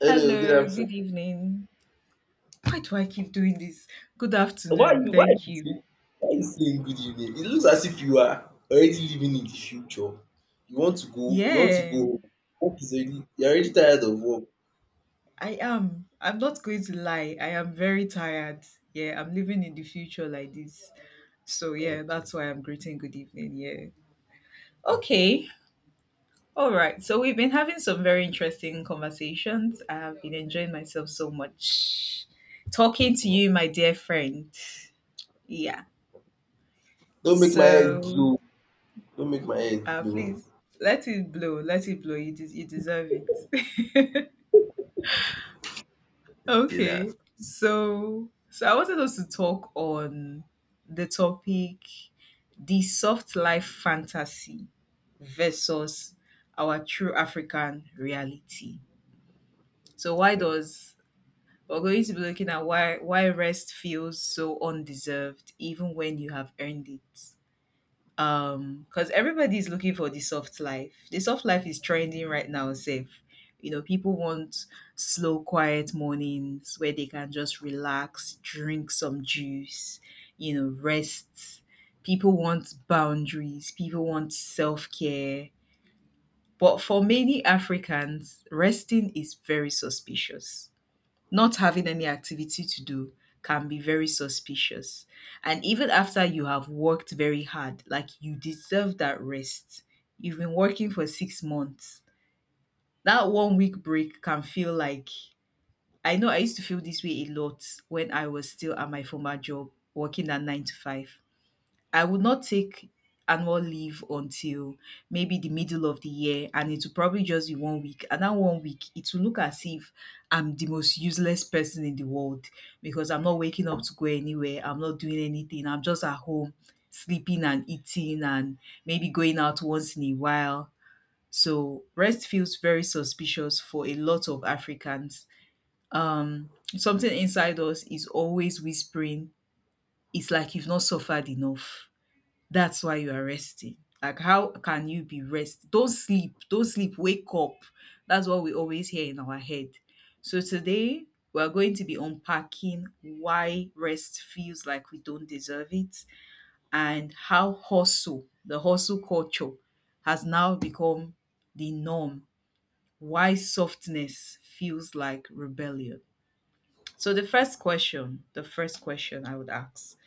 Hello, good Hello, good afternoon. evening. Why do I keep doing this? Good Why afternoon, you why you thank say you. why you saying good evening? It looks as if you are already living in the future. You want to go Yeah, home. Work is already you're already tired of work. I am. I'm not going to lie, I am very tired. Yeah, I'm living in the future like this. So, yeah, Okay, that's why I'm greeting good evening. Yeah. okay. Okay, all right. So, we've been having some very interesting conversations. I have been enjoying myself so much talking to you, my dear friend. Yeah. Don't make my head So, blow. Don't make my head Ah, blow. please let it blow. Let it blow. You deserve it. Okay, Okay. that. So I wanted us to talk on the topic, the soft life fantasy versus our true African reality. So why Okay. does We're going to be looking at why rest feels so undeserved even when you have earned it. Because everybody's looking for the soft life, the soft life is trending right now. Safe, you know, people want slow, quiet mornings where they can just relax, drink some juice, you know, rest. People want boundaries, people want self-care, but for many Africans resting is very suspicious. Not having any activity to do can be very suspicious. And even after you have worked very hard, like you deserve that rest, you've been working for 6 months. That one week break can feel like, I know I used to feel this way a lot when I was still at my former job, working at 9 to 5. I would not take annual leave until maybe the middle of the year, and it will probably just be one week. And that one week, it will look as if I'm the most useless person in the world because I'm not waking up to go anywhere. I'm not doing anything. I'm just at home sleeping and eating and maybe going out once in a while. So rest feels very suspicious for a lot of Africans. Um, Something inside us is always whispering, it's like you've not suffered enough, that's why you are resting. Like, how can you be rest? Don't sleep. Don't sleep. Wake up. That's what we always hear in our head. So, today we are going to be unpacking why rest feels like we don't deserve it and how hustle, the hustle culture, has now become the norm. Why softness feels like rebellion. So the first question I would ask,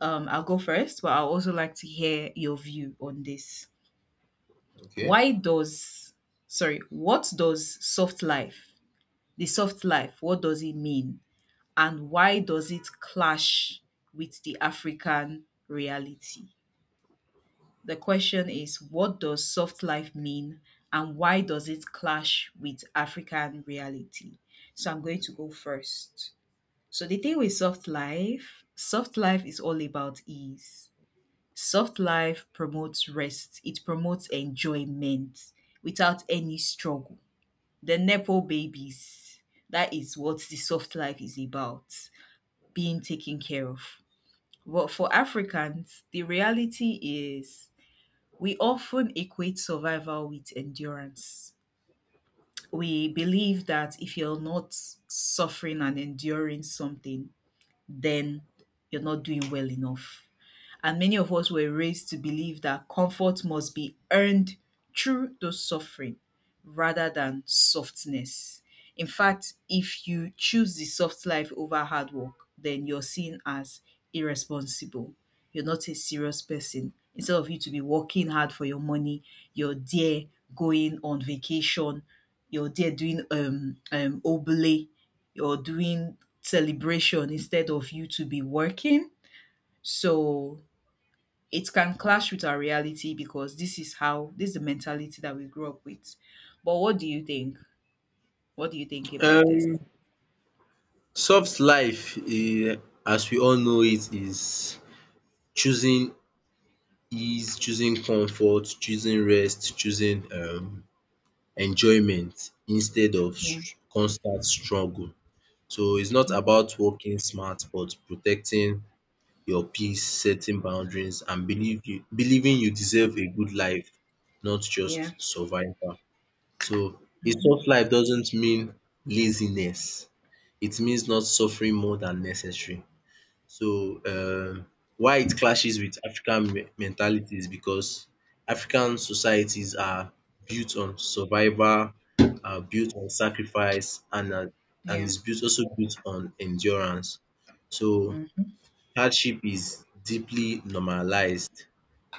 I'll go first, but I'll also like to hear your view on this. Okay. Why does, sorry, what does soft life, the soft life, what does it mean? And why does it clash with the African reality? The question is, what does soft life mean? And why does it clash with African reality? So I'm going to go first. So the thing with soft life is all about ease. Soft life promotes rest. It promotes enjoyment without any struggle. The nepo babies, that is what the soft life is about, being taken care of. But for Africans, the reality is we often equate survival with endurance. We believe that if you're not suffering and enduring something, then you're not doing well enough. And many of us were raised to believe that comfort must be earned through those suffering rather than softness. In fact, if you choose the soft life over hard work, then you're seen as irresponsible. You're not a serious person. Instead of you to be working hard for your money, you're there going on vacation, you're there doing obole or doing celebration instead of you to be working. So it can clash with our reality because this is the mentality that we grew up with. But what do you think? What do you think about this? Um Soft life eh, as we all know it is choosing ease, choosing comfort, choosing rest, choosing enjoyment instead of Yeah. Constant struggle. So it's not Mhm. about working smart, but protecting your peace, setting boundaries, and believing you deserve a good life, not Yeah. just survival. So a Hmm. soft life doesn't mean laziness. It means not suffering more than necessary. So, why it clashes with African mentality is because African societies are built on survival, are built on sacrifice, and are, and Yeah. is built also built on endurance. So, Mhm. hardship is deeply normalized.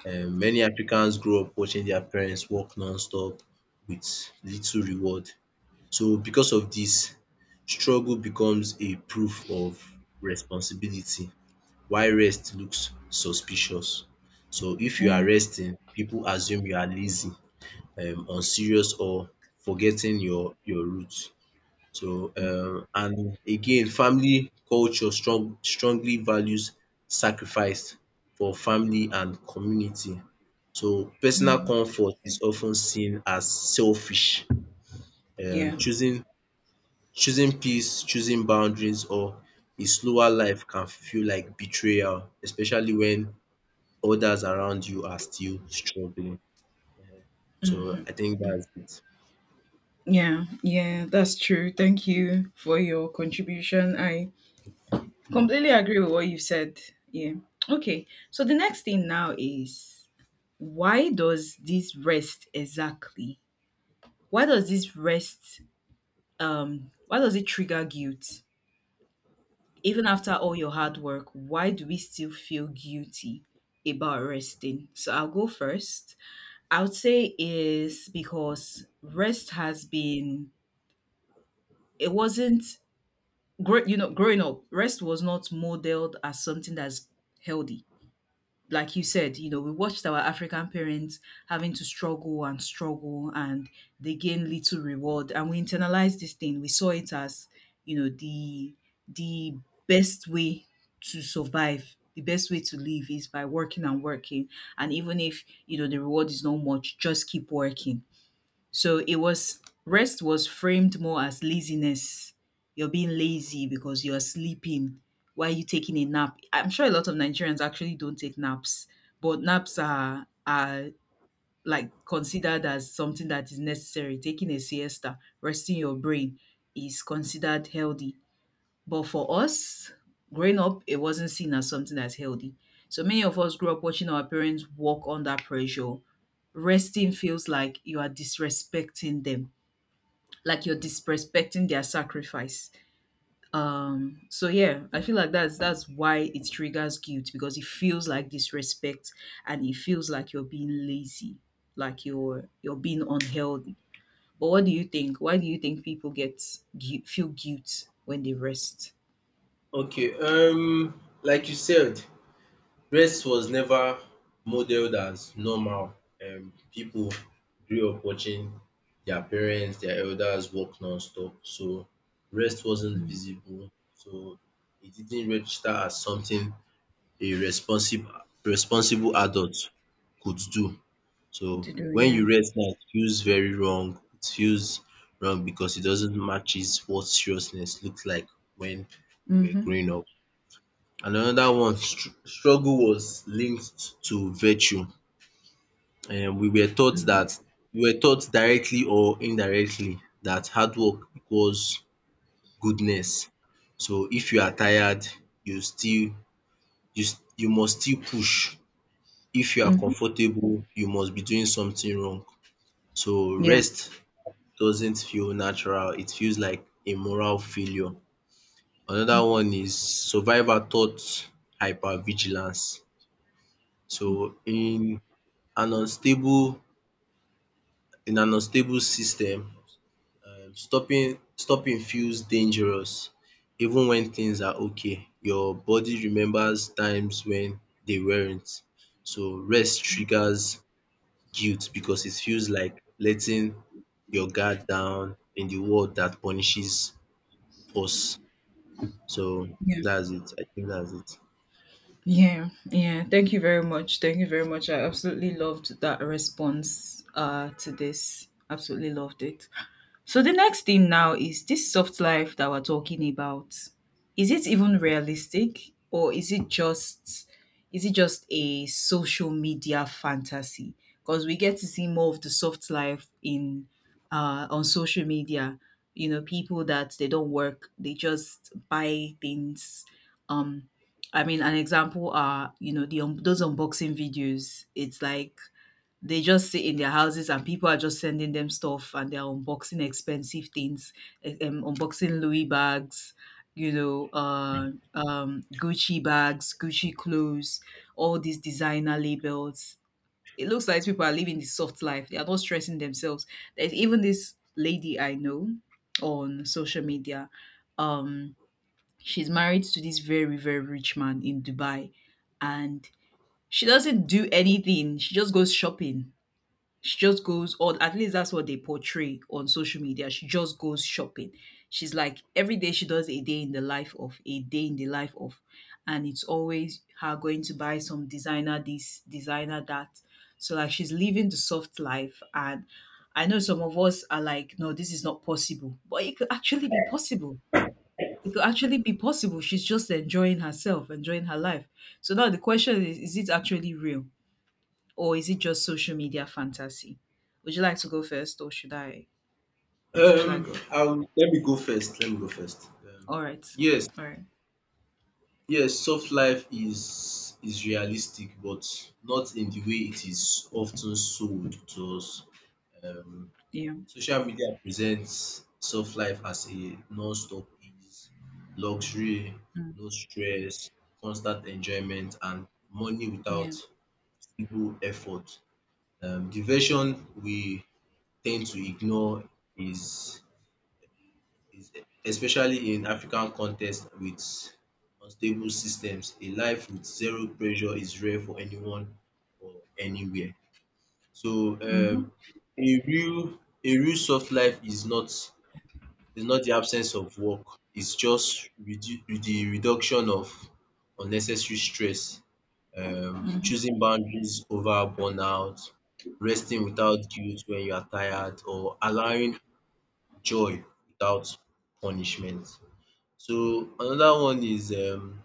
Many Africans grow up watching their parents work non-stop with little reward. So, because of this, struggle becomes a proof of responsibility why rest looks suspicious. So if you are Yeah. resting, people assume you are lazy, unserious or forgetting your roots. So and again, family culture strongly values sacrifice for family and community. So personal comfort is often seen as selfish. Um Yeah. choosing choosing peace, choosing boundaries or a slower life can feel like betrayal, especially when others around you are still struggling. So I think that's it. Yeah. Yeah, that's true. Thank you for your contribution. I completely agree with what you said. Yeah. Okay. So the next thing now is, why does this rest exactly, why does this rest, why does it trigger guilt? Even after all your hard work, why do we still feel guilty about resting? So I'll go first. I would say is because rest has been, it wasn't great. You know, growing up, rest was not modeled as something that's healthy. Like you said, you know, we watched our African parents having to struggle and struggle, and they gain little reward, and we internalized this thing. We saw it as, you know, the best way to survive, the best way to live is by working and working. And even if, you know, the reward is not much, just keep working. So it was, rest was framed more as laziness. You're being lazy because you're sleeping. Why are you taking a nap? I'm sure a lot of Nigerians actually don't take naps, but naps are like considered as something that is necessary. Taking a siesta, resting your brain is considered healthy. But for us, growing up, it wasn't seen as something that's healthy. So many of us grew up watching our parents work under pressure. Resting feels like you are disrespecting them, like you're disrespecting their sacrifice. Um, so yeah, I feel like that's why it triggers guilt, because it feels like disrespect, and it feels like you're being lazy, like you're being unhealthy. But what do you think? Why do you think people feel guilt when they rest? Okay, like you said, rest was never modeled as normal. People grew up watching their parents, their elders work non-stop, so rest wasn't Mm. visible. So it didn't register as something a responsible adult could do. So To do, when yeah. you rest now, it feels very wrong. It feels wrong because it doesn't matches what seriousness looked like when we were Mm-hmm. growing up. And another one, struggle was linked to virtue. And we were taught Mm-hmm. that we were taught directly or indirectly that hard work equals goodness. So if you are tired, you still you must still push. If you are Mm-hmm. comfortable, you must be doing something wrong. So Yeah. rest doesn't feel natural. It feels like a moral failure. Another one is survivor thought hypervigilance. So an unstable in an unstable system, stopping feels dangerous even when things are okay. Your body remembers times when they weren't. So rest triggers guilt because it feels like letting your guard down in the world that punishes us. So Yeah. that's it. I think that's it. Yeah, yeah. Thank you very much. Thank you very much. I absolutely loved that response to this. Absolutely loved it. So the next thing now is this soft life that we're talking about. Is it even realistic, or is it just, is it just a social media fantasy? Because we get to see more of the soft life in, on social media. You know, people that they don't work, they just buy things. Um, I mean, an example are, you know, the those unboxing videos. It's like they just sit in their houses and people are just sending them stuff and they're unboxing expensive things, unboxing Louis bags, you know, Gucci bags, Gucci clothes, all these designer labels. It looks like people are living this soft life. They are not stressing themselves. There's even this lady I know on social media. Um, she's married to this very, very rich man in Dubai, and she doesn't do anything. She just goes shopping. She just goes Or at least that's what they portray on social media. She just goes shopping. She's like every day she does a day in the life of, and it's always her going to buy some designer this, designer that. So like she's living the soft life, and I know some of us are like, no, this is not possible. But it could actually be possible. It could actually be possible. She's just enjoying herself, enjoying her life. So now the question is it actually real, or is it just social media fantasy? Would you like to go first, or should I go? Let me go first. Let me go first. All right. Yes, All right. yes. Soft life is realistic, but not in the way it is often sold to us. Um, Yeah. Social media presents soft life as a non-stop ease, luxury, Mm. no stress, constant enjoyment, and money without Yeah. feeble effort. The version we tend to ignore is is, especially in African context with unstable systems, a life with zero pressure is rare for anyone or anywhere. So Mm-hmm. um a real a real soft life is not the absence of work, it's just redu the reduction of unnecessary stress, choosing boundaries over burnout, resting without guilt when you are tired or allowing joy without punishment. So another one is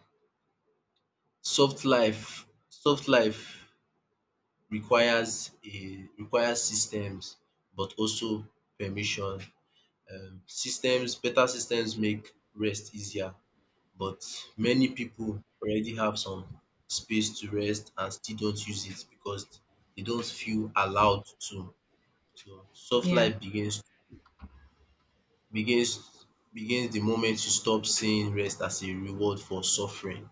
soft life. Soft life requires systems but also permission. Systems Better systems make rest easier, but many people already have some space to rest and still don't use it because they don't feel allowed to. So soft Yeah. life begins begins begins the moment you stop seeing rest as a reward for suffering.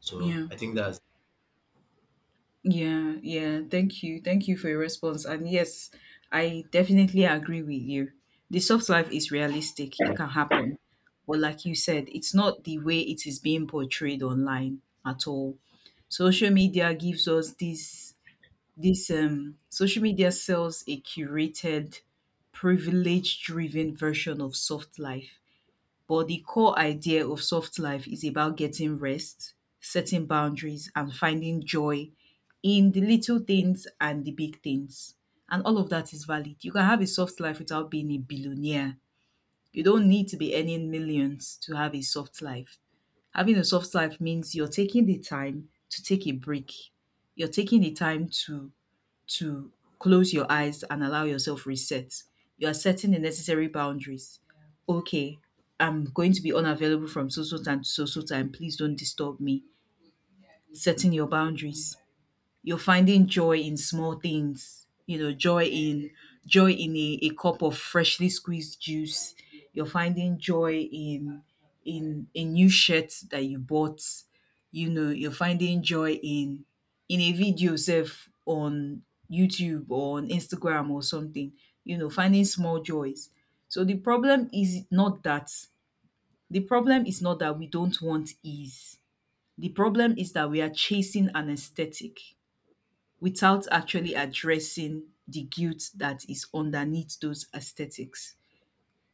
So Yeah. I think that's Yeah. Yeah. Thank you. Thank you for your response. And yes, I definitely agree with you. The soft life is realistic. It can happen. But like you said, it's not the way it is being portrayed online at all. Social media gives us this, social media sells a curated, privilege driven version of soft life. But the core idea of soft life is about getting rest, setting boundaries, and finding joy in the little things and the big things. And all of that is valid. You can have a soft life without being a billionaire. You don't need to be earning millions to have a soft life. Having a soft life means you're taking the time to take a break. You're taking the time to close your eyes and allow yourself reset. You are setting the necessary boundaries. Okay, I'm going to be unavailable from so so time to so so time. Please don't disturb me. Setting your boundaries, you're finding joy in small things, you know, joy in a cup of freshly squeezed juice. You're finding joy in a new shirt that you bought. You know, you're finding joy in a video self on YouTube or on Instagram or something. You know, finding small joys. So the problem is not that we don't want ease. The problem is that we are chasing an aesthetic without actually addressing the guilt that is underneath those aesthetics.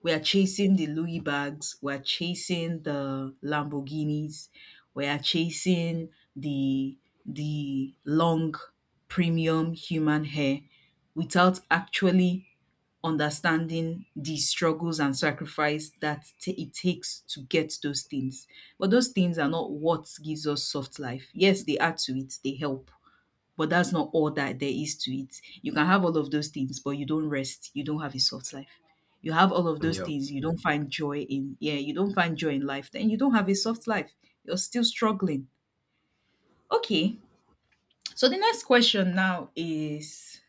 We are chasing the Louis bags, we are chasing the Lamborghinis, we are chasing the the long premium human hair without actually understanding the struggles and sacrifice that it takes to get those things. But those things are not what gives us soft life. Yes, they add to it, they help. But that's not all that there is to it. You can have all of those things, but you don't rest. You don't have a soft life. You have all of those Yeah. things, you don't find joy in. Yeah, you don't find joy in life. Then you don't have a soft life. You're still struggling. Okay. So the next question now is,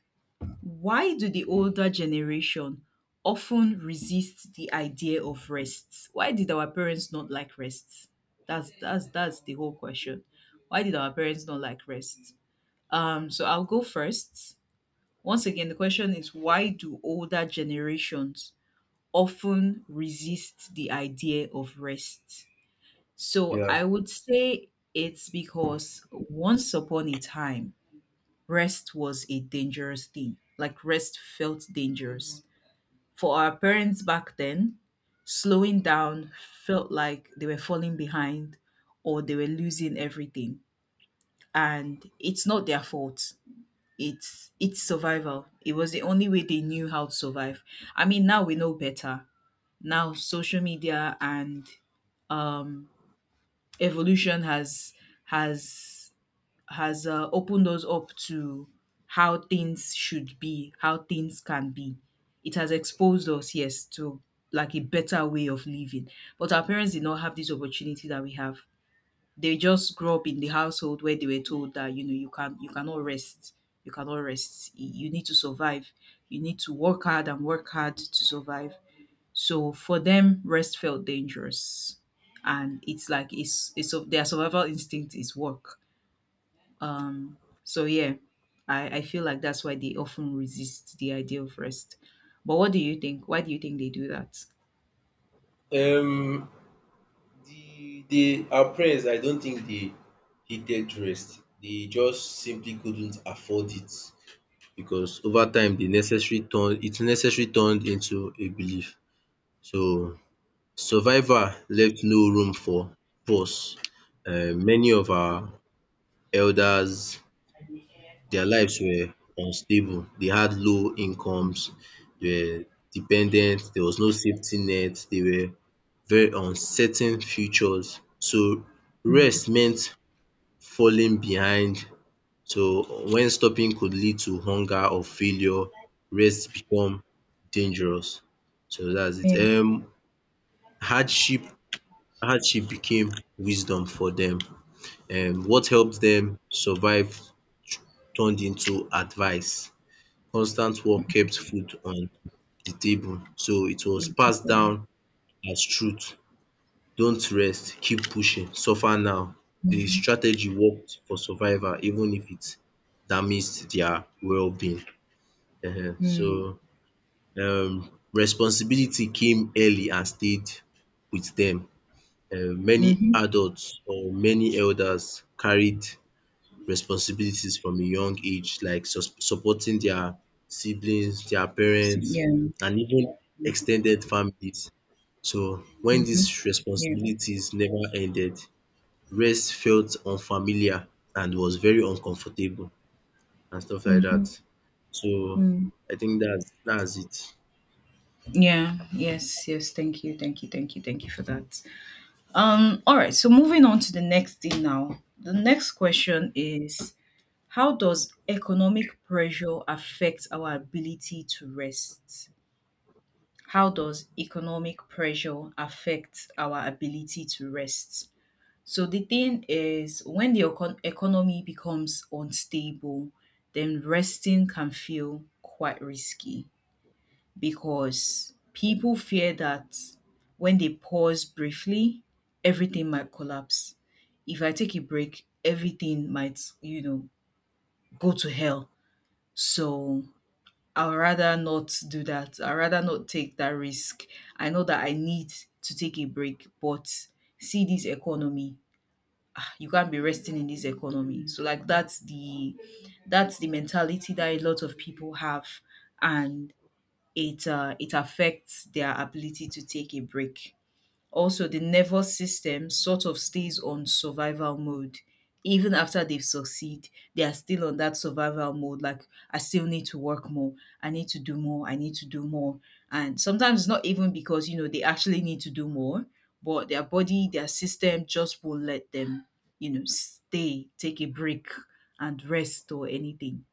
why do the older generation often resist the idea of rest? Why did our parents not like rest? That's the whole question. Why did our parents not like rest? So I'll go first. Once again, the question is, why do older generations often resist the idea of rest? So Yeah. I would say it's because once upon a time, rest was a dangerous thing. Like, rest felt dangerous. For our parents back then, slowing down felt like they were falling behind or they were losing everything. And it's not their fault. It's survival. It was the only way they knew how to survive. I mean, now we know better. Now, social media and um, evolution has has opened us up to how things should be, how things can be. It has exposed us, yes, to like a better way of living. But our parents did not have this opportunity that we have. They just grew up in the household where they were told that you cannot rest. You need to survive. You need to work hard, and work hard to survive. So for them, rest felt dangerous. And it's like, it's of their survival instinct is work. Um so yeah, I feel like that's why they often resist the idea of rest. But what do you think? Why do you think they do that? Um the our parents, I don't think they hated rest. They just simply couldn't afford it because over time the necessary turned into a belief. So survival left no room for pause. Many of our elders, their lives were unstable. They had low incomes, they were dependent, there was no safety net, they were very uncertain futures. So Mm, rest meant falling behind. So when stopping could lead to hunger or failure, rest become dangerous. So that's it. yeah, hardship hardship became wisdom for them. What helped them survive turned into advice. Constant work kept food on the table. So it was passed exactly. down as truth. Don't rest, keep pushing, suffer now. The Mm-hmm. strategy worked for survivor even if it damaged their well-being. So, responsibility came early and stayed with them. Many Mm-hmm. adults or many elders carried responsibilities from a young age, like supporting their siblings, their parents Yeah, and even extended families. So, when these yeah. responsibilities never ended, rest felt unfamiliar and was very uncomfortable and stuff like Mm-hmm. that. So Mm. I think that's it. Yeah. Yes. Yes. Thank you. Thank you. Thank you. Thank you for that. All right. So, moving on to the next thing now. The next question is: how does economic pressure affect our ability to rest? How does economic pressure affect our ability to rest? So the thing is, when the economy becomes unstable, then resting can feel quite risky, because people fear that when they pause briefly, everything might collapse. If I take a break, everything might, go to hell. So I'd rather not do that. I'd rather not take that risk. I know that I need to take a break, but see this economy. You can't be resting in this economy. So, like, that's the mentality that a lot of people have. And it affects their ability to take a break. Also, the nervous system sort of stays on survival mode. Even after they've succeed, they are still on that survival mode. Like, I still need to work more. I need to do more. I need to do more. And sometimes it's not even because, they actually need to do more, but their body, their system just won't let them, take a break and rest or anything.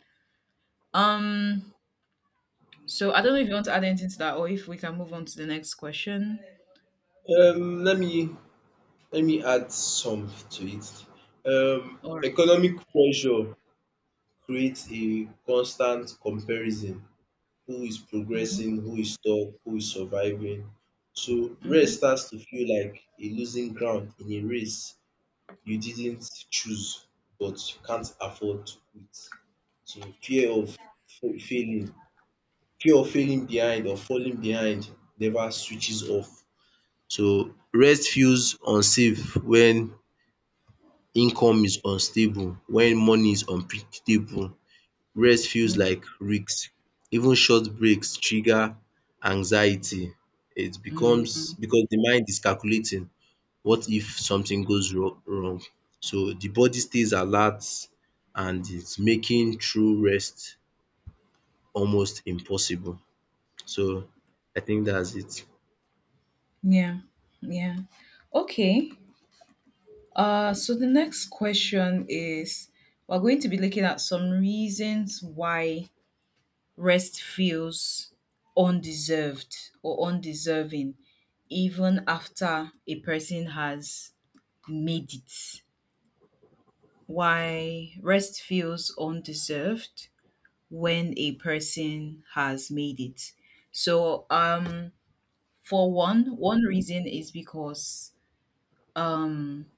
Um, so I don't know if you want to add anything to that, or if we can move on to the next question. Um, let me Let me add some to it. All right. Economic pressure creates a constant comparison. Who is Mm-hmm, progressing? Who is stuck? Who is surviving? So mm-hmm, rest starts to feel like a losing ground in a race you didn't choose but you can't afford to quit. So failing, fear of failing behind or falling behind never switches off. So rest feels unsafe when income is unstable, when money is unpredictable. Rest feels mm-hmm. like risk. Even short breaks trigger anxiety. It Mm-hmm. becomes because the mind is calculating what if something goes wrong? So the body stays alert and it's making true rest almost impossible. So I think that's it. Yeah. Yeah. Okay. So the next question is, we're going to be looking at some reasons why rest feels undeserved or undeserving, even after a person has made it. Why rest feels undeserved when a person has made it. So, for one reason is because um,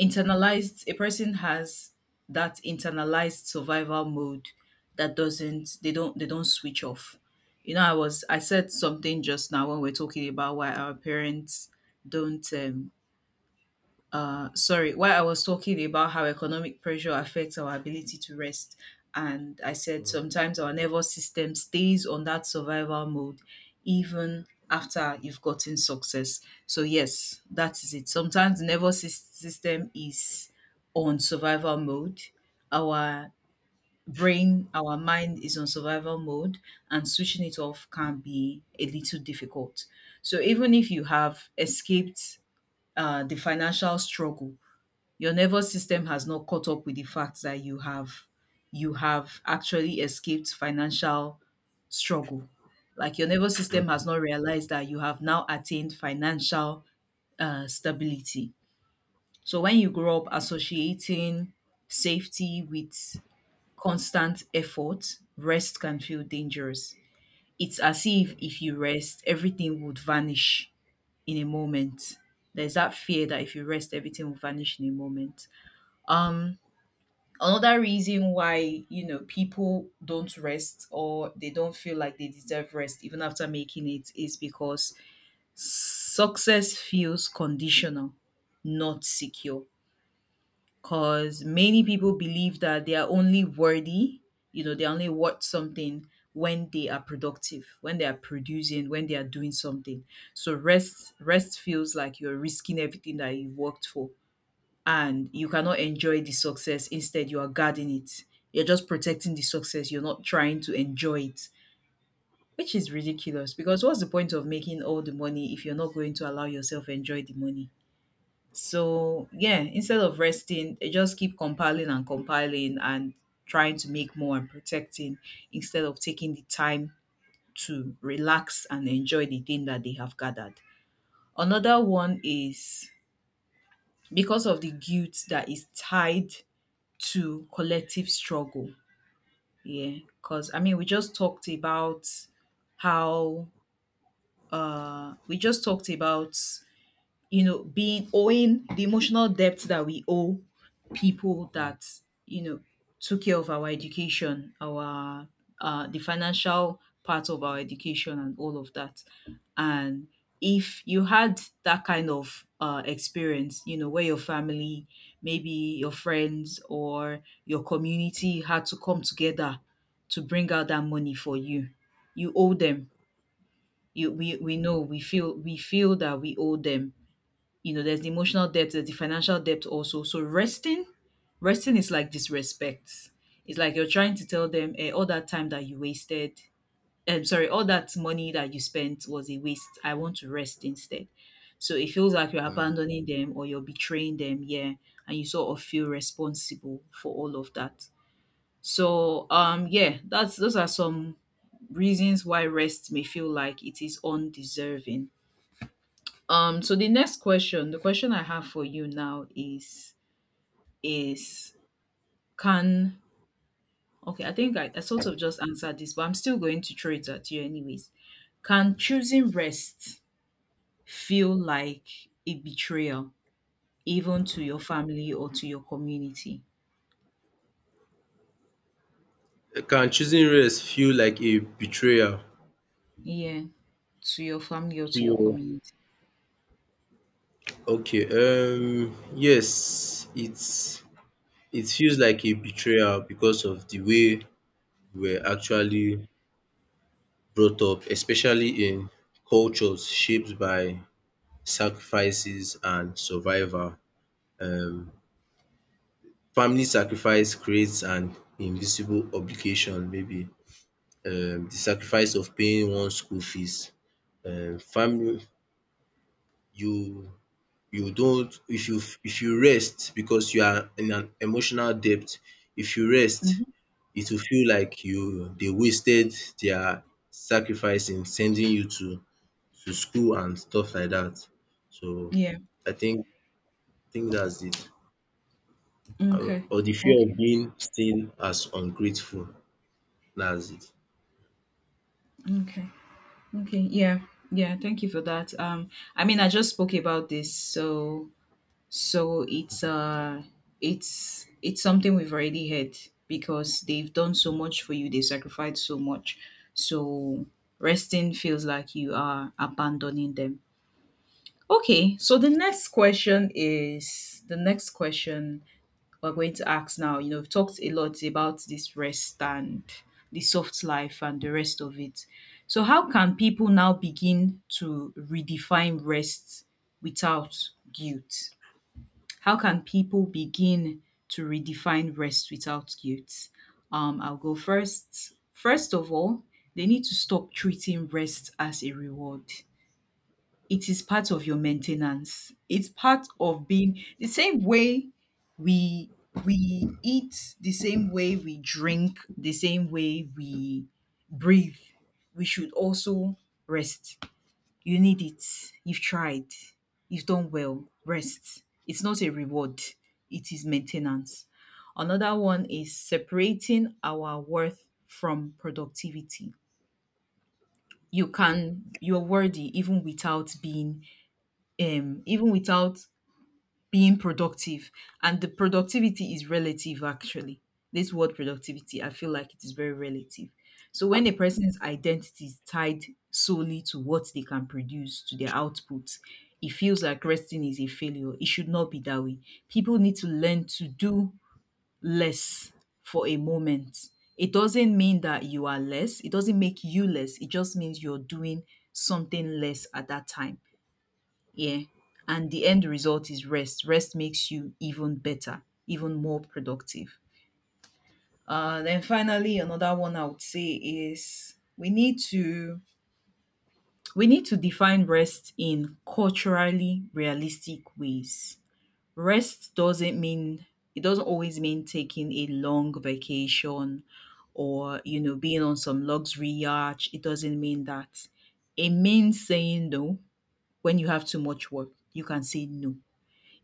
internalized a person has that internalized survival mode that doesn't they don't switch off. You know, I said something just now when we are talking about why our parents don't— sorry, while I was talking about how economic pressure affects our ability to rest, and I said sometimes our nervous system stays on that survival mode even after you've gotten success. So, yes, that is it. Sometimes the nervous system is on survival mode. Our brain, our mind is on survival mode, and switching it off can be a little difficult. So, even if you have escaped the financial struggle, your nervous system has not caught up with the fact that you have actually escaped financial struggle. Like, your nervous system has not realized that you have now attained financial stability. So when you grow up associating safety with constant effort, rest can feel dangerous. It's as if you rest, everything would vanish in a moment. There's that fear that if you rest, everything will vanish in a moment. Um, Another reason why, people don't rest or they don't feel like they deserve rest even after making it is because success feels conditional, not secure. Because many people believe that they are only worthy, they're only worth something when they are productive, when they are producing, when they are doing something. So rest feels like you're risking everything that you worked for, and you cannot enjoy the success. Instead, you are guarding it. You're just protecting the success. You're not trying to enjoy it, which is ridiculous, because what's the point of making all the money if you're not going to allow yourself enjoy the money? So, yeah, instead of resting, they just keep compiling and compiling and trying to make more and protecting instead of taking the time to relax and enjoy the thing that they have gathered. Another one is because of the guilt that is tied to collective struggle. Yeah, because I mean, how we just talked about being owing the emotional debt that we owe people that, you know, took care of our education, our the financial part of our education and all of that. And if you had that kind of experience, where your family, maybe your friends or your community had to come together to bring out that money for you, you owe them. You, we know we feel that we owe them. There's the emotional depth, there's the financial depth also. So resting is like disrespect. It's like you're trying to tell them, all that time that you wasted. I'm sorry, all that money that you spent was a waste. I want to rest instead. So it feels like you're Mm. abandoning them or you're betraying them, yeah. And you sort of feel responsible for all of that. So yeah, that's those are some reasons why rest may feel like it is undeserving. So the next question, the question I have for you now is can Okay, I think I sort of just answered this, but I'm still going to throw it at you anyways. Can choosing rest feel like a betrayal, even to your family or to your community? Can choosing rest feel like a betrayal? Yeah, to your family or to your Yeah. community. Okay, yes, it's it feels like a betrayal because of the way we're actually brought up, especially in cultures shaped by sacrifices and survival. um Family sacrifice creates an invisible obligation. Maybe the sacrifice of paying one's school fees. Um family you you don't, if you rest because you are in an emotional debt, if you rest Hmm. it will feel like you they wasted their sacrifice in sending you to school and stuff like that. So Yeah. I think I think that's it. Okay. Or the fear of Okay. being seen as ungrateful. That's it. Okay. Okay. Yeah. Yeah. Thank you for that. I mean, I just spoke about this. So, it's something we've already had, because they've done so much for you, they sacrificed so much. So, resting feels like you are abandoning them. Okay, so the next question is, the next question we're going to ask now. We've talked a lot about this rest and the soft life and the rest of it. So how can people now begin to redefine rest without guilt? How can people begin to redefine rest without guilt? I'll go first. First of all, they need to stop treating rest as a reward. It is part of your maintenance. It's part of being the same way we we eat, the same way we drink, the same way we breathe. We should also rest. You need it. You've tried. You've done well. Rest. It's not a reward, it is maintenance. Another one is separating our worth from productivity. You're worthy even without um, even without being productive, and the productivity is relative. Actually, this word productivity, I feel like it is very relative. So when a person's identity is tied solely to what they can produce, to their output, it feels like resting is a failure. It should not be that way. People need to learn to do less for a moment. It doesn't mean that you are less. It doesn't make you less. It just means you're doing something less at that time. Yeah. And the end result is rest. Rest makes you even better, even more productive. Then finally, another one I would say is, we need to define rest in culturally realistic ways. Rest doesn't mean, it doesn't always mean taking a long vacation, or being on some luxury yacht. It doesn't mean that. It means saying no. When you have too much work, you can say no.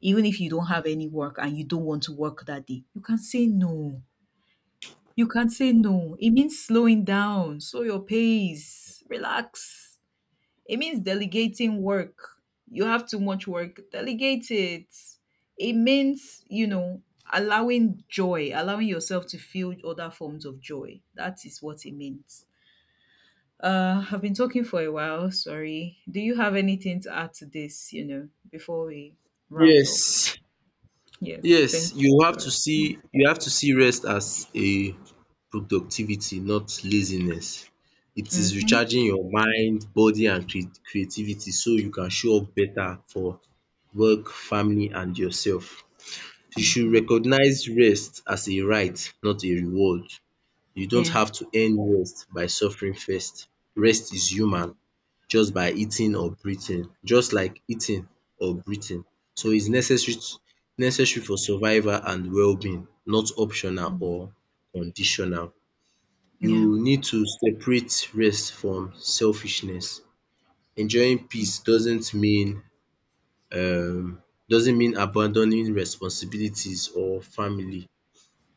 Even if you don't have any work and you don't want to work that day, you can say no. You can say no. It means slowing down, slow your pace, relax. It means delegating work. You have too much work, delegate it. It means, allowing joy, allowing yourself to feel other forms of joy. That is what it means. I've been talking for a while. Sorry. Do you have anything to add to this, before we round up? Yes, Yes. Thank you. yes, you have Sorry. to see you have to see rest as a productivity, not laziness. It is Mhm, recharging your mind, body and creativity so you can show up better for work, family and yourself. You should mhm. recognize rest as a right, not a reward. You don't Yeah. have to earn rest by suffering first. Rest is human, just like eating or breathing. So it's necessary for survival and well-being, not optional Mm. or conditional. Yeah, You need to separate rest from selfishness. Enjoying peace doesn't mean um abandoning responsibilities or family.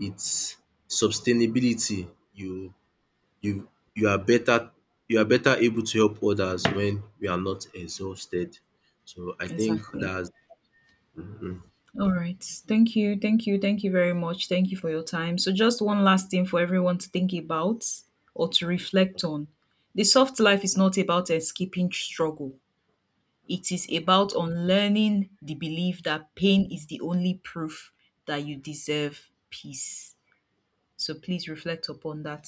It's sustainability. You you are better you are better able to help others when you are not exhausted. So I think exactly. that's All right. Thank you. Thank you. Thank you very much. Thank you for your time. So, just one last thing for everyone to think about or to reflect on. The soft life is not about escaping struggle, it is about unlearning the belief that pain is the only proof that you deserve peace. So, please reflect upon that.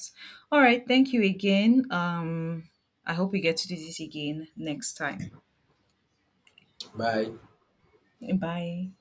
All right. Thank you again. I hope we get to do this again next time. Bye. Bye.